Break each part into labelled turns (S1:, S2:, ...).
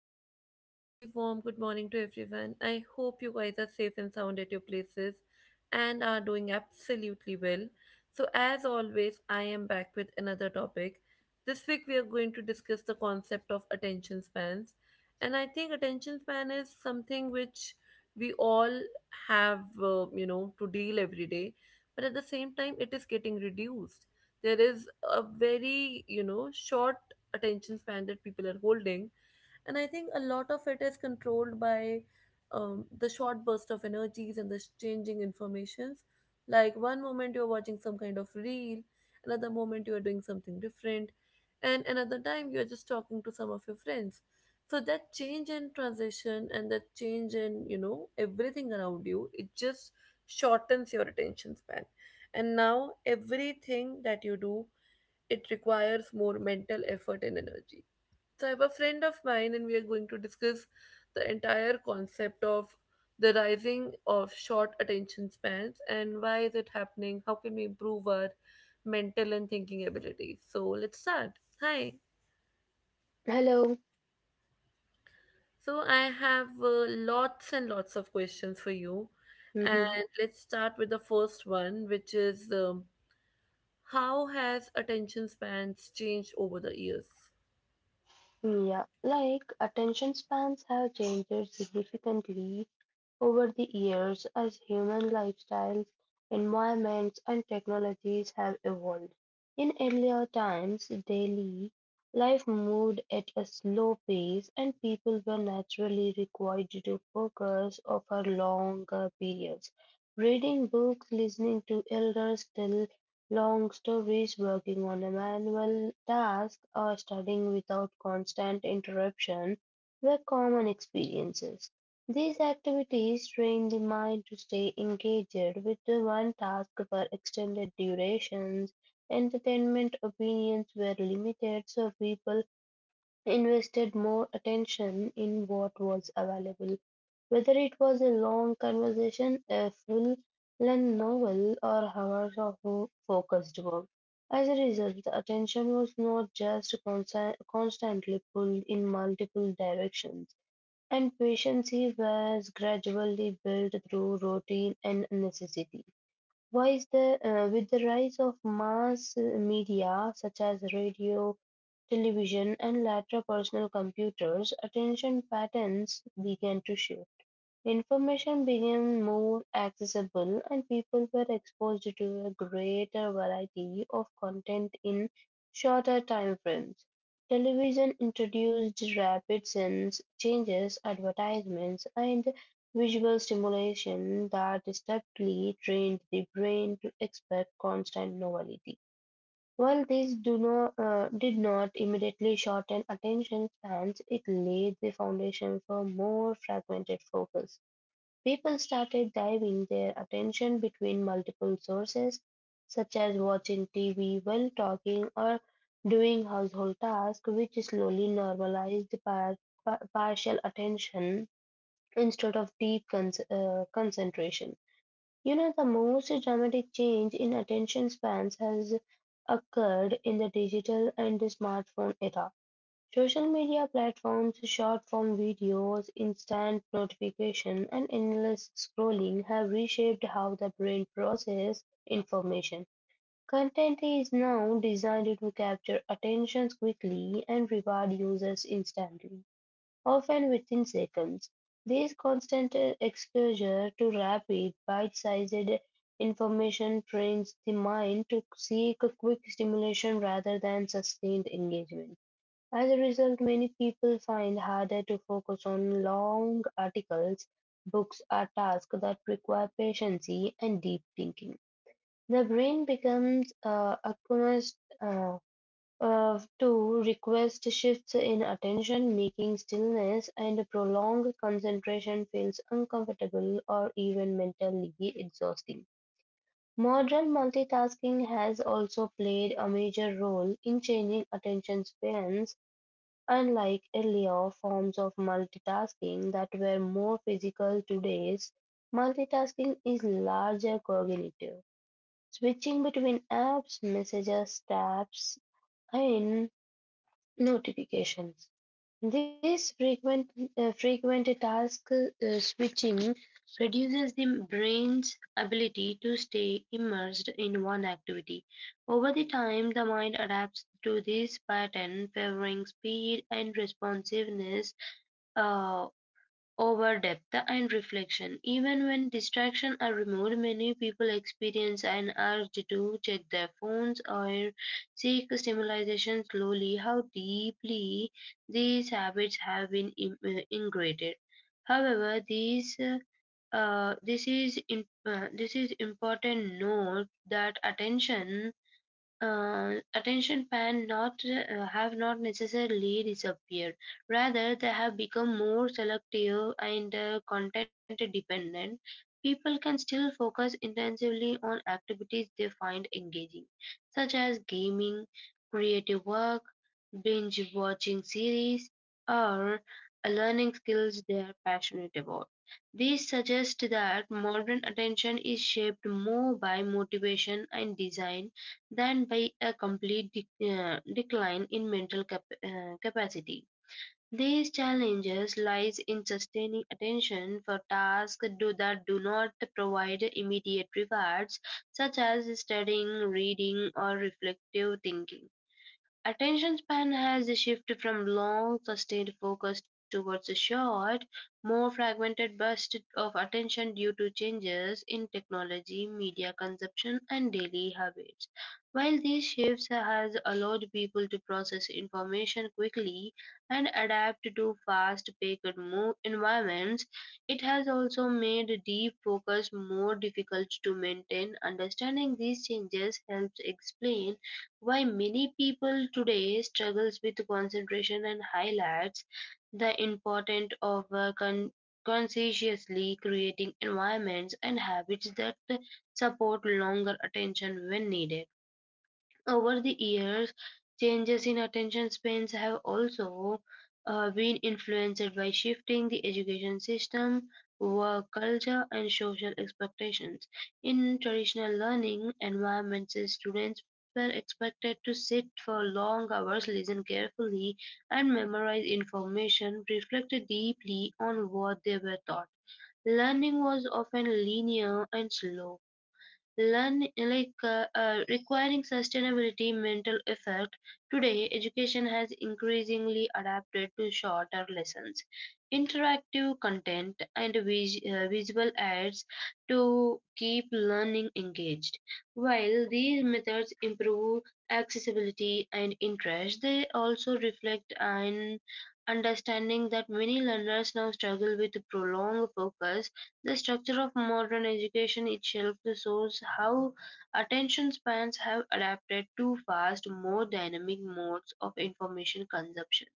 S1: and very, very warm good morning to everyone. I hope you guys are safe and sound at your places and are doing absolutely well. So, as always, I am back with another topic. This week, we are going to discuss the concept of attention spans. And I think attention span is something which we all have, to deal every day. But at the same time, it is getting reduced. There is a very, short attention span that people are holding, and I think a lot of it is controlled by the short burst of energies and the changing informations. Like one moment you're watching some kind of reel, another moment you're doing something different, and another time you're just talking to some of your friends. So that change in transition and that change in, you know, everything around you, it just shortens your attention span. And now everything that you do, it requires more mental effort and energy. So I have a friend of mine, and we are going to discuss the entire concept of the rising of short attention spans, and why is it happening? How can we improve our mental and thinking abilities? So let's start. Hi.
S2: Hello.
S1: So I have lots and lots of questions for you,
S2: hmm
S1: and let's start with the first one, which is, how has attention spans changed over the years?
S2: Yeah, like attention spans have changed significantly over the years, as human lifestyles, environments, and technologies have evolved. In earlier times, daily life moved at a slow pace and people were naturally required to focus over longer periods. Reading books, listening to elders tell long stories, working on a manual task, or studying without constant interruption were common experiences. These activities train the mind to stay engaged with the one task for extended durations. Entertainment opinions were limited, so people invested more attention in what was available, whether it was a long conversation, a full length novel, or hours of focused work. As a result, the attention was not just constantly pulled in multiple directions and patience was gradually built through routine and necessity. With the rise of mass media such as radio, television, and later personal computers, attention patterns began to shift. Information became more accessible, and people were exposed to a greater variety of content in shorter time frames. Television introduced rapid sense changes, advertisements, and visual stimulation that distinctly trained the brain to expect constant novelty. While these do not, did not immediately shorten attention spans, it laid the foundation for more fragmented focus. People started diving their attention between multiple sources, such as watching TV while talking or doing household tasks, which slowly normalized partial attention instead of deep concentration. You know, the most dramatic change in attention spans has occurred in the digital and the smartphone era. Social media platforms, short-form videos, instant notification, and endless scrolling have reshaped how the brain processes information. Content is now designed to capture attention quickly and reward users instantly, often within seconds. This constant exposure to rapid, bite-sized information trains the mind to seek quick stimulation rather than sustained engagement. As a result, many people find harder to focus on long articles. Books are tasks that require patience and deep thinking. The brain becomes accustomed uh, to request shifts in attention, making stillness and prolonged concentration feels uncomfortable or even mentally exhausting. Modern multitasking has also played a major role in changing attention spans. Unlike earlier forms of multitasking that were more physical, today's multitasking is larger cognitive. Switching between apps, messages, tabs, and notifications. This frequent task switching reduces the brain's ability to stay immersed in one activity. Over the time, the mind adapts to this pattern, favoring speed and responsiveness uh, over depth and reflection. Even when distractions are removed, many people experience an urge to check their phones or seek stimulation slowly. How deeply these habits have been ingrained. However, these this is in, This is important note that attention span not have not necessarily disappeared. Rather, they have become more selective and content dependent. People can still focus intensively on activities they find engaging, such as gaming, creative work, binge watching series, or learning skills they are passionate about. These suggest that modern attention is shaped more by motivation and design than by a complete decline in mental capacity. These challenges lies in sustaining attention for tasks that do not provide immediate rewards, such as studying, reading, or reflective thinking. Attention span has shifted from long, sustained focus towards a short, more fragmented bursts of attention due to changes in technology, media consumption, and daily habits. While these shifts has allowed people to process information quickly and adapt to fast-paced environments, it has also made deep focus more difficult to maintain. Understanding these changes helps explain why many people today struggles with concentration and highlights the importance of consciously creating environments and habits that support longer attention when needed. Over the years, changes in attention spans have also been influenced by shifting the education system, work culture, and social expectations. In traditional learning environments, students were expected to sit for long hours, listen carefully, and memorize information, reflect deeply on what they were taught. Learning was often linear and slow learn like requiring sustainability mental effect. Today education has increasingly adapted to shorter lessons, interactive content, and visual aids to keep learning engaged. While these methods improve accessibility and interest, they also reflect an understanding that many learners now struggle with prolonged focus. The structure of modern education itself shows how attention spans have adapted to fast, more dynamic modes of information consumption.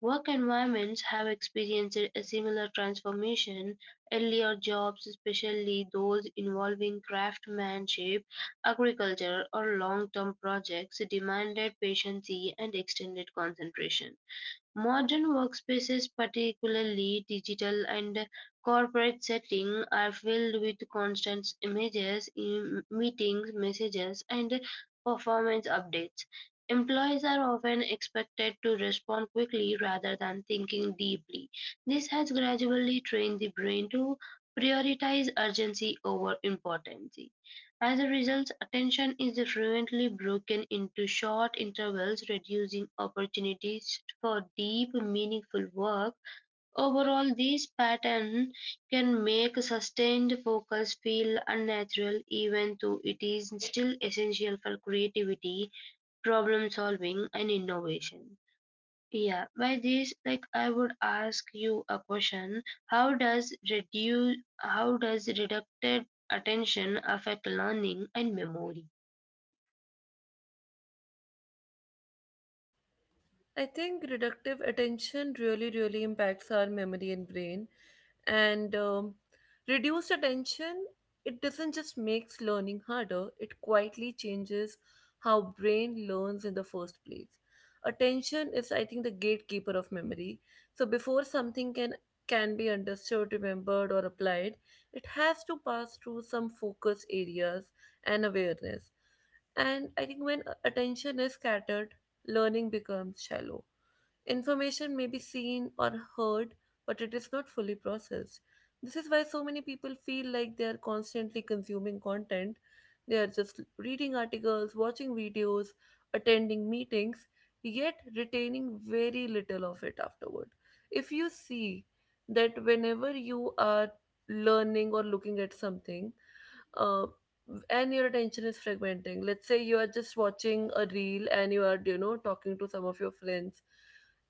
S2: Work environments have experienced a similar transformation. Earlier jobs, especially those involving craftsmanship, agriculture, or long term projects, demanded patience and extended concentration. Modern workspaces, particularly digital and corporate settings, are filled with constant images, meetings, messages, and performance updates. Employees are often expected to respond quickly rather than thinking deeply. This has gradually trained the brain to prioritize urgency over importance. As a result, attention is frequently broken into short intervals, reducing opportunities for deep, meaningful work. Overall, this pattern can make sustained focus feel unnatural, even though it is still essential for creativity, problem solving, and innovation. Yeah, by this, like I would ask you a question. How does reducted attention affect learning and memory?
S1: I think reductive attention really, really impacts our memory and brain. And reduced attention, it doesn't just makes learning harder, it quietly changes how brain learns in the first place. Attention is, I think, the gatekeeper of memory. So before something can be understood, remembered, or applied, it has to pass through some focus areas and awareness. And I think when attention is scattered, learning becomes shallow. Information may be seen or heard, but it is not fully processed. This is why so many people feel like they are constantly consuming content. They are just reading articles, watching videos, attending meetings, yet retaining very little of it afterward. If you see that whenever you are learning or looking at something, uh, and your attention is fragmenting. Let's say you are just watching a reel and you are, you know, talking to some of your friends.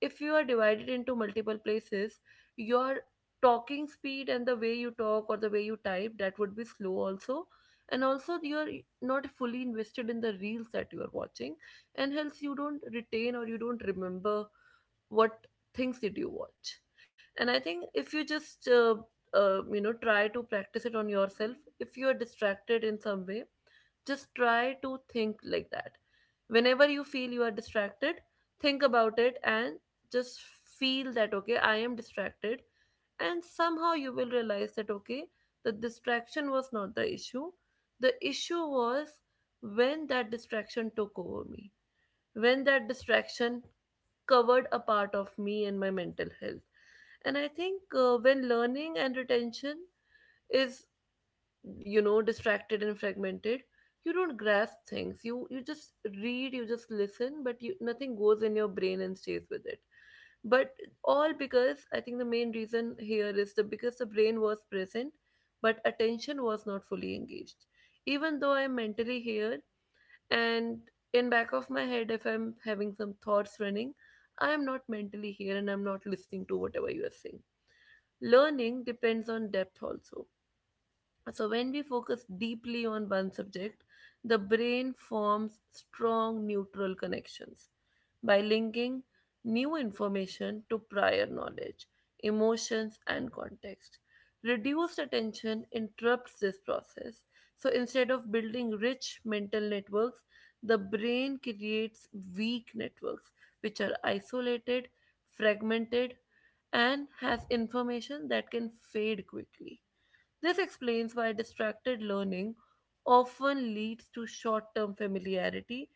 S1: If you are divided into multiple places, your talking speed and the way you talk or the way you type, that would be slow also. And also you're not fully invested in the reels that you are watching, and hence you don't retain or you don't remember what things did you watch. And I think if you just you know, try to practice it on yourself. If you are distracted in some way, just try to think like that. Whenever you feel you are distracted, think about it and just feel that okay, I am distracted. And somehow you will realize that okay, the distraction was not the issue. The issue was when that distraction took over me, when that distraction covered a part of me and my mental health. And I think, when learning and retention is, you know, distracted and fragmented, you don't grasp things. You just read, you just listen, but you nothing goes in your brain and stays with it. But all because, I think the main reason here is the, because the brain was present but attention was not fully engaged. Even though I'm mentally here, and in back of my head if I'm having some thoughts running, I am not mentally here and I'm not listening to whatever you are saying. Learning depends on depth also. So, when we focus deeply on one subject, the brain forms strong neutral connections by linking new information to prior knowledge, emotions, and context. Reduced attention interrupts this process. So, instead of building rich mental networks, the brain creates weak networks which are isolated, fragmented, and has information that can fade quickly. This explains why distracted learning often leads to short term familiarity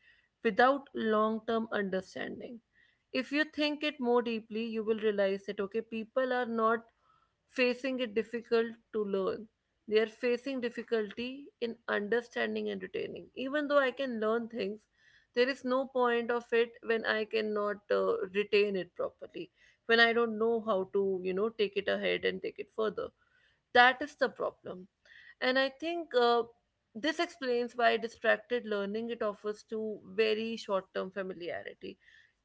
S1: without long term understanding. If you think it more deeply, you will realize that okay, people are not facing it difficult to learn. They are facing difficulty in understanding and retaining. Even though I can learn things, there is no point of it when I cannot retain it properly, when I don't know how to, you know, take it ahead and take it further. That is the problem. And I think, this explains why distracted learning it offers to very short-term familiarity.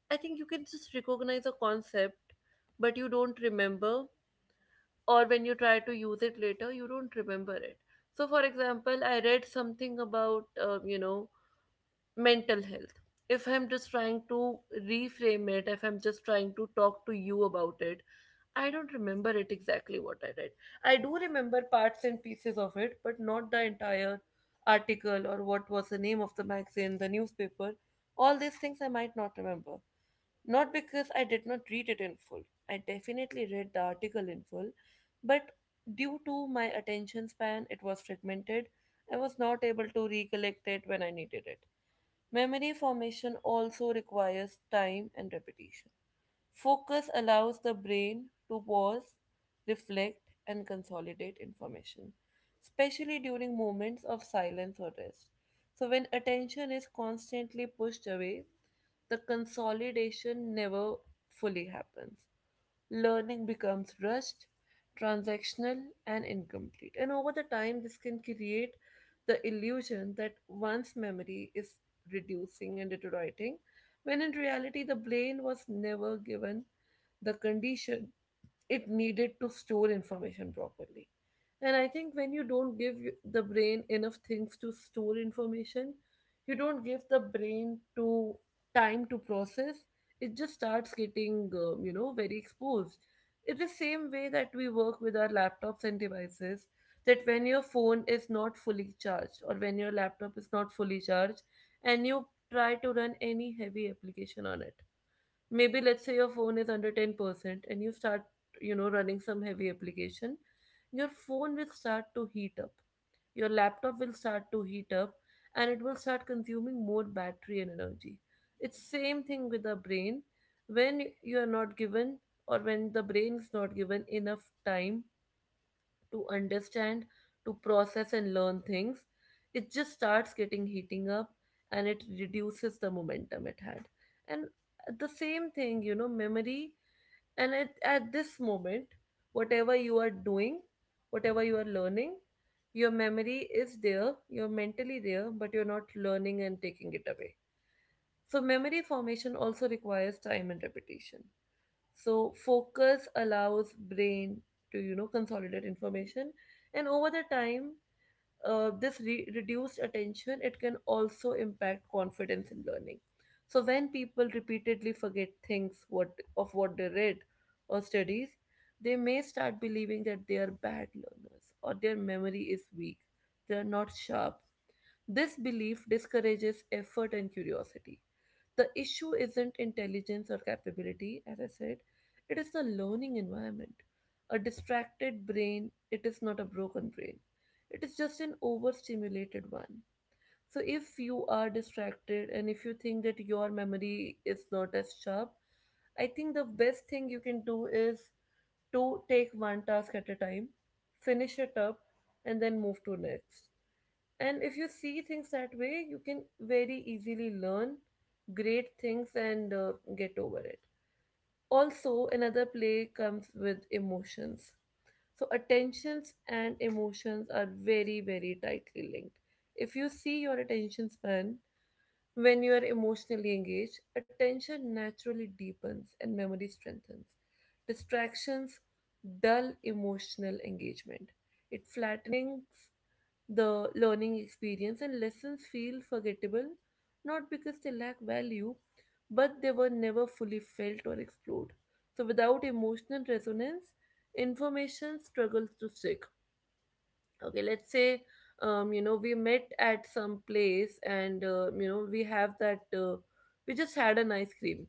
S1: I think you can just recognize a concept, but you don't remember, or when you try to use it later, you don't remember it. So, for example, I read something about, you know, mental health. If I'm just trying to reframe it, if I'm just trying to talk to you about it, I don't remember it exactly what I read. I do remember parts and pieces of it, but not the entire article or what was the name of the magazine, the newspaper. All these things I might not remember. Not because I did not read it in full. I definitely read the article in full, but due to my attention span, it was fragmented. I was not able to recollect it when I needed it. Memory formation also requires time and repetition. Focus allows the brain to pause, reflect, and consolidate information, especially during moments of silence or rest. So, when attention is constantly pushed away, the consolidation never fully happens. Learning becomes rushed, transactional, and incomplete. And over the time, this can create the illusion that one's memory is reducing and deteriorating, when in reality, the brain was never given the condition it needed to store information properly. And I think when you don't give the brain enough things to store information, you don't give the brain to time to process, it just starts getting, you know, very exposed. It is the same way that we work with our laptops and devices, that when your phone is not fully charged or when your laptop is not fully charged and you try to run any heavy application on it. Maybe let's say your phone is under 10% and you start, you know, running some heavy application, your phone will start to heat up, your laptop will start to heat up, and it will start consuming more battery and energy. It's same thing with the brain. When you are not given, or when the brain is not given enough time to understand, to process and learn things, it just starts getting heating up, and it reduces the momentum it had. And the same thing, you know, memory, and at this moment, whatever you are doing, whatever you are learning, your memory is there, you're mentally there, but you're not learning and taking it away. So memory formation also requires time and repetition. So focus allows brain to, you know, consolidate information. And over the time, this reduced attention, it can also impact confidence in learning. So when people repeatedly forget things, what of what they read or studies, they may start believing that they are bad learners, or their memory is weak, they are not sharp. This belief discourages effort and curiosity. The issue isn't intelligence or capability, as I said, it is the learning environment. A distracted brain, it is not a broken brain, it is just an overstimulated one. So, if you are distracted and if you think that your memory is not as sharp, I think the best thing you can do is to take one task at a time, finish it up, and then move to next. And if you see things that way, you can very easily learn great things and get over it. Also, another play comes with emotions. So, attentions and emotions are very, very tightly linked. If you see your attention span, when you are emotionally engaged, attention naturally deepens and memory strengthens. Distractions dull emotional engagement. It flattens the learning experience and lessons feel forgettable, not because they lack value, but they were never fully felt or explored. So, without emotional resonance, information struggles to stick. Okay, let's say, you know, we met at some place and, you know, we have that, we just had an ice cream.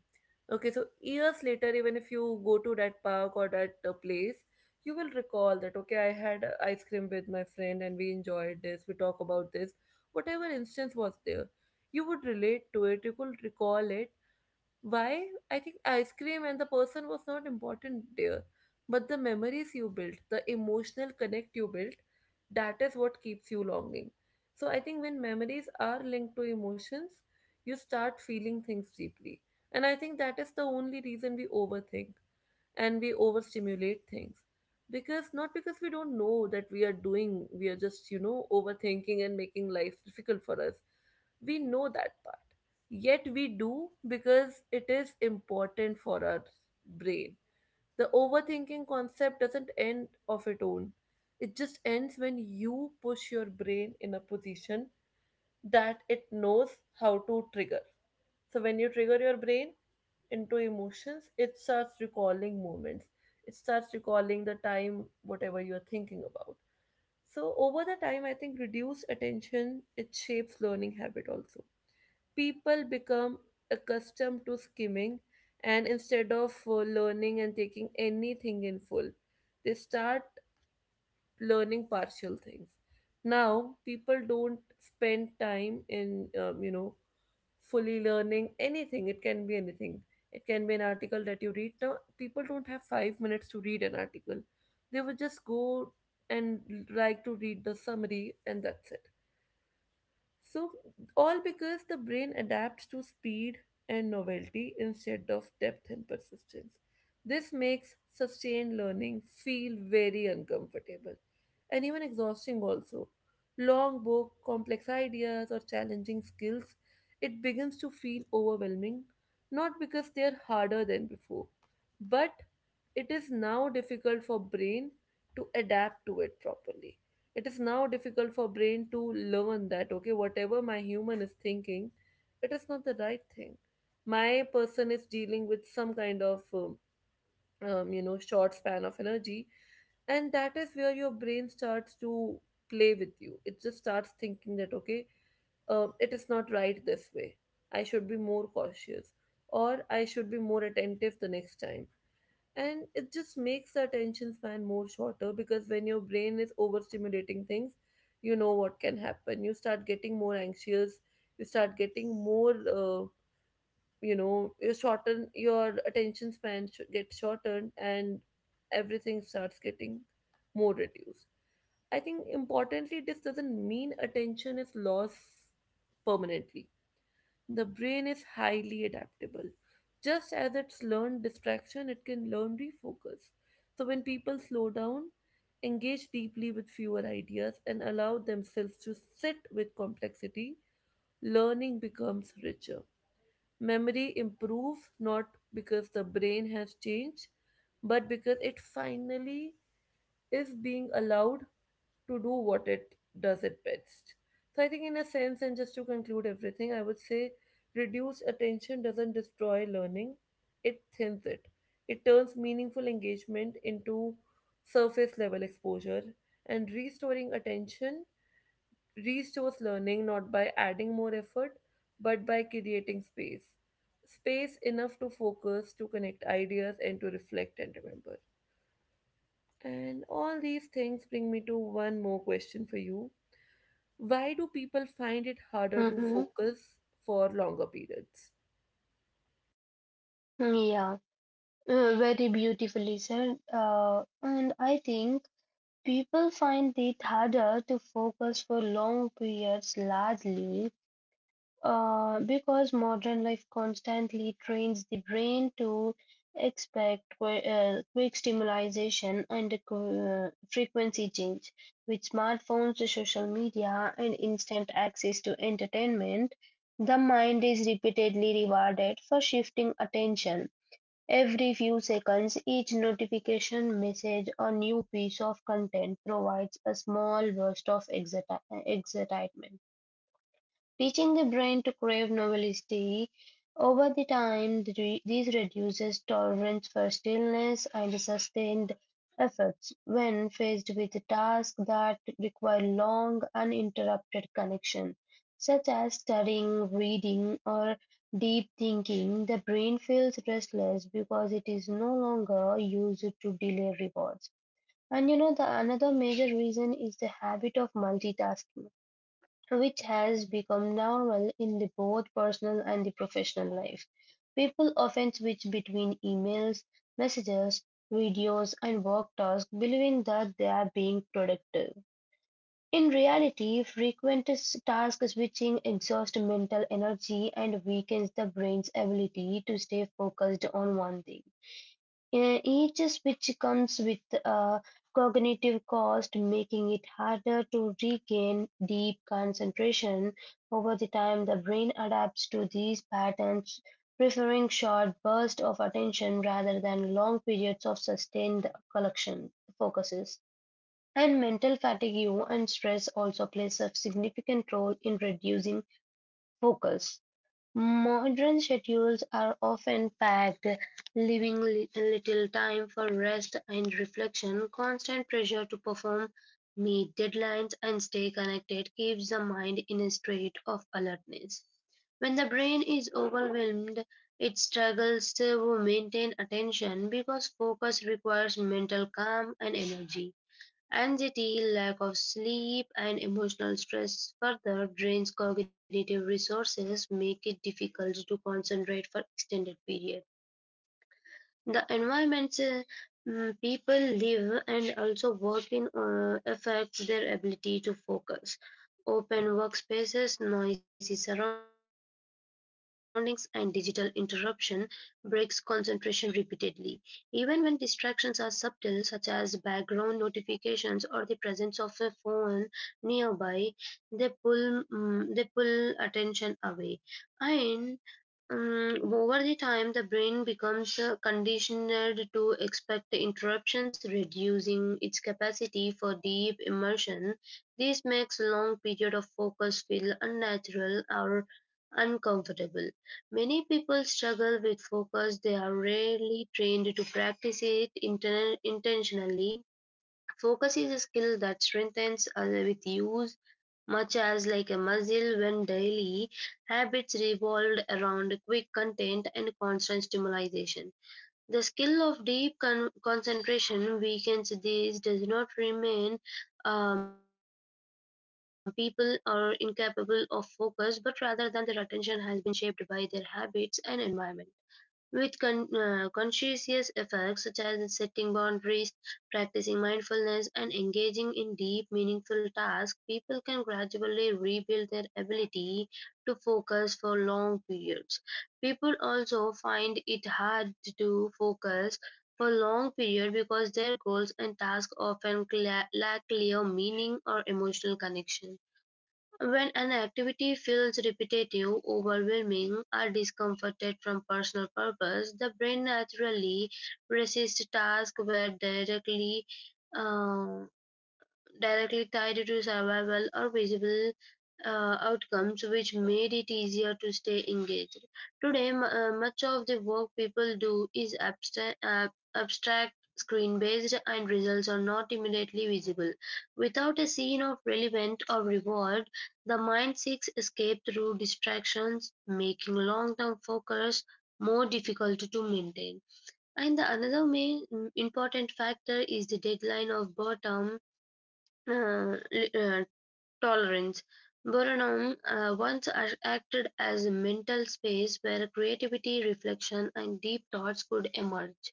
S1: Okay, so years later, even if you go to that park or that, place, you will recall that okay, I had, ice cream with my friend and we enjoyed this, we talk about this, whatever instance was there, you would relate to it, you could recall it. Why? I think ice cream and the person was not important there, but the memories you built, the emotional connect you built, that is what keeps you longing. So I think when memories are linked to emotions, you start feeling things deeply. And I think that is the only reason we overthink and we overstimulate things because, not because we don't know that we are doing, we are just overthinking and making life difficult for us. We know that part, yet we do because it is important for our brain. The overthinking concept doesn't end of its own. It just ends when you push your brain in a position that it knows how to trigger. So when you trigger your brain into emotions, it starts recalling moments. It starts recalling the time, whatever you are thinking about. So over the time, I think reduced attention, it shapes learning habit also. People become accustomed to skimming, and instead of learning and taking anything in full, they start learning partial things. Now people don't spend time in fully learning anything. It can be anything, it can be an article that you read. Now people don't have 5 minutes to read an article, they would just go and like to read the summary, and that's it. So, all because the brain adapts to speed and novelty instead of depth and persistence. This makes sustained learning feel very uncomfortable and even exhausting, also. Long book, complex ideas, or challenging skills, it begins to feel overwhelming, not because they are harder than before, but it is now difficult for brain to adapt to it properly. It is now difficult for brain to learn that okay, whatever my human is thinking, it is not the right thing. My person is dealing with some kind of short span of energy, and that is where your brain starts to play with you. It just starts thinking that okay, it is not right this way, I should be more cautious or I should be more attentive the next time. And it just makes the attention span more shorter, because when your brain is overstimulating things, you know what can happen, you start getting more anxious, you start getting more you shorten your attention span, gets shortened, and everything starts getting more reduced. I think importantly this doesn't mean attention is lost permanently. The brain is highly adaptable. Just as it's learned distraction, it can learn refocus. So when people slow down, engage deeply with fewer ideas, and allow themselves to sit with complexity, learning becomes richer. Memory improves not because the brain has changed, but because it finally is being allowed to do what it does it best. So I think in a sense, and just to conclude everything, I would say reduced attention doesn't destroy learning, it thins it. It turns meaningful engagement into surface level exposure, and restoring attention restores learning not by adding more effort but by creating space. Space enough to focus, to connect ideas, and to reflect and remember. And all these things bring me to one more question for you: why do people find it harder to
S2: Mm-hmm.
S1: focus for longer periods?
S2: Yeah, very beautifully said. And I think people find it harder to focus for long periods largely because modern life constantly trains the brain to expect quick stimulation and frequency change. With smartphones, social media, and instant access to entertainment, the mind is repeatedly rewarded for shifting attention. Every few seconds, each notification, message, or new piece of content provides a small burst of excitement, teaching the brain to crave novelty. Over the time, this reduces tolerance for stillness and sustained efforts. When faced with tasks that require long, uninterrupted connection, such as studying, reading, or deep thinking, the brain feels restless because it is no longer used to delay rewards. And you know, the another major reason is the habit of multitasking, which has become normal in the both personal and the professional life. People often switch between emails, messages, videos, and work tasks, believing that they are being productive. In reality, frequent task switching exhausts mental energy and weakens the brain's ability to stay focused on one thing. Each switch comes with a cognitive cost, making it harder to regain deep concentration. Over the time, the brain adapts to these patterns, preferring short bursts of attention rather than long periods of sustained collection focuses. And mental fatigue and stress also plays a significant role in reducing focus. Modern schedules are often packed, leaving little time for rest and reflection. Constant pressure to perform, meet deadlines, and stay connected keeps the mind in a state of alertness. When the brain is overwhelmed, it struggles to maintain attention because focus requires mental calm and energy. Anxiety, lack of sleep, and emotional stress further drains cognitive resources, make it difficult to concentrate for extended periods. The environments, people live and also work in, affects their ability to focus. Open workspaces, noisy surroundings, and digital interruption breaks concentration repeatedly. Even when distractions are subtle, such as background notifications or the presence of a phone nearby, they pull attention away. And Over the time, the brain becomes conditioned to expect interruptions, reducing its capacity for deep immersion. This makes long periods of focus feel unnatural or uncomfortable. Many people struggle with focus. They are rarely trained to practice it intentionally. Focus is a skill that strengthens with use much as like a muscle. When daily habits revolved around quick content and constant stimulation, the skill of deep concentration weakens. This does not remain people are incapable of focus, but rather than their attention has been shaped by their habits and environment. With conscientious efforts such as setting boundaries, practicing mindfulness, and engaging in deep, meaningful tasks, people can gradually rebuild their ability to focus for long periods. People also find it hard to focus for long periods because their goals and tasks often lack clear meaning or emotional connection. When an activity feels repetitive, overwhelming, or discomforted from personal purpose, the brain naturally resists tasks where uh, directly tied to survival or visible outcomes, which made it easier to stay engaged. Today, much of the work people do is abstract screen based, and results are not immediately visible. Without a scene of relevant or reward, the mind seeks escape through distractions, making long term focus more difficult to maintain. And the another main important factor is the deadline of boredom. Uh, li- uh, Tolerance. Boredom once acted as a mental space where creativity, reflection, and deep thoughts could emerge.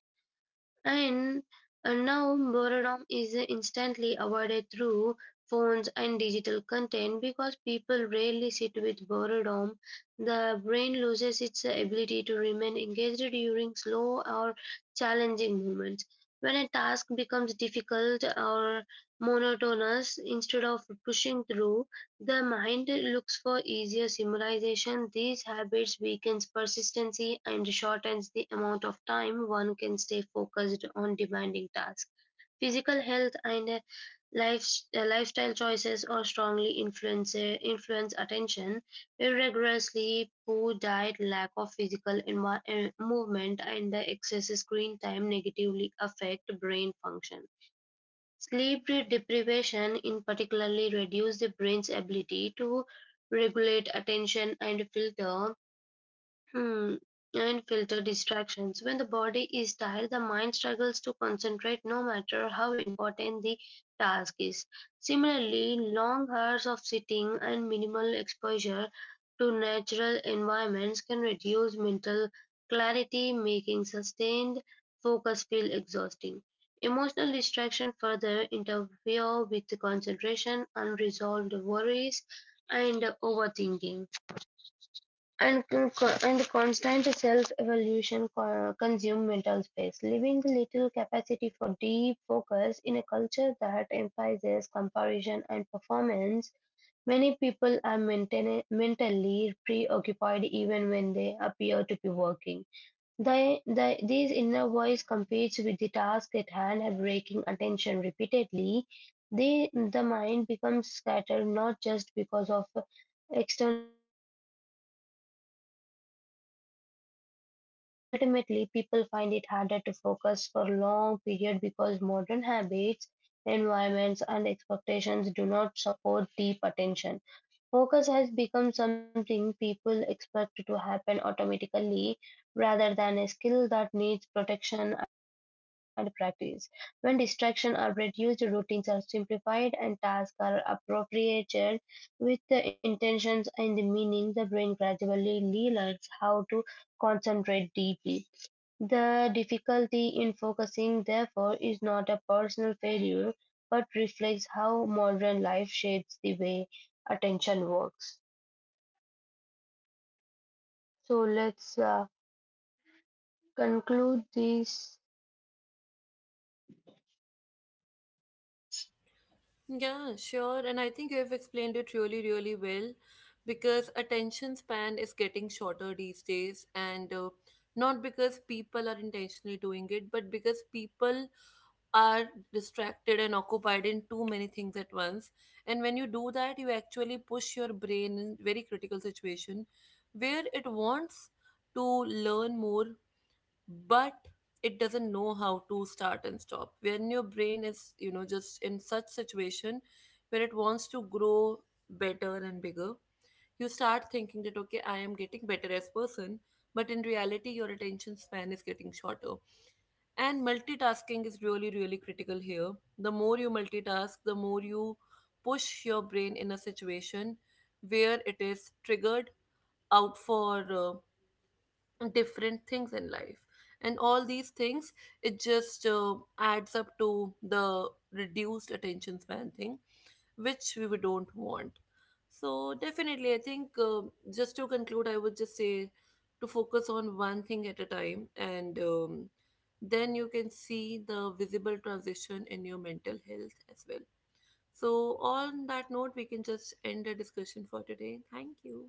S2: And now boredom is instantly avoided through phones and digital content because people rarely sit with boredom. The brain loses its ability to remain engaged during slow or challenging moments. When a task becomes difficult or monotonous, instead of pushing through, the mind looks for easier similarization. These habits weakens persistency and shortens the amount of time one can stay focused on demanding tasks. Physical health and life, lifestyle choices are strongly influence attention. Irregular sleep, poor diet, lack of physical movement, and the excess screen time negatively affect brain function. Sleep deprivation in particularly reduces the brain's ability to regulate attention and filter Hmm. and filter distractions. When the body is tired, the mind struggles to concentrate no matter how important the task is. Similarly, long hours of sitting and minimal exposure to natural environments can reduce mental clarity, making sustained focus feel exhausting. Emotional distraction further interfere with the concentration, unresolved worries, and overthinking and and constant self-evaluation consume mental space, leaving little capacity for deep focus in a culture that emphasizes comparison and performance. Many people are mentally preoccupied even when they appear to be working. This inner voice competes with the task at hand by breaking attention repeatedly. The mind becomes scattered not just because of external distraction but because of internal one as well. Ultimately, people find it harder to focus for long period because modern habits, environments, and expectations do not support deep attention. Focus has become something people expect to happen automatically rather than a skill that needs protection and practice. When distractions are reduced, routines are simplified, and tasks are appropriated with the intentions and the meaning, the brain gradually learns how to concentrate deeply. The difficulty in focusing, therefore, is not a personal failure, but reflects how modern life shapes the way attention works. So let's conclude this.
S1: Yeah, sure. And I think you have explained it really, really well, because attention span is getting shorter these days. And not because people are intentionally doing it, but because people are distracted and occupied in too many things at once. And when you do that, you actually push your brain in very critical situation where it wants to learn more, but it doesn't know how to start and stop. When your brain is just in such situation where it wants to grow better and bigger, you start thinking that okay, I am getting better as person, but in reality your attention span is getting shorter. And multitasking is really, really critical here. The more you multitask, the more you push your brain in a situation where it is triggered out for different things in life. And all these things, it just adds up to the reduced attention span thing, which we don't want. So definitely I think, just to conclude, I would just say to focus on one thing at a time, and then you can see the visible transition in your mental health as well. So on that note, we can just end the discussion for today. Thank you.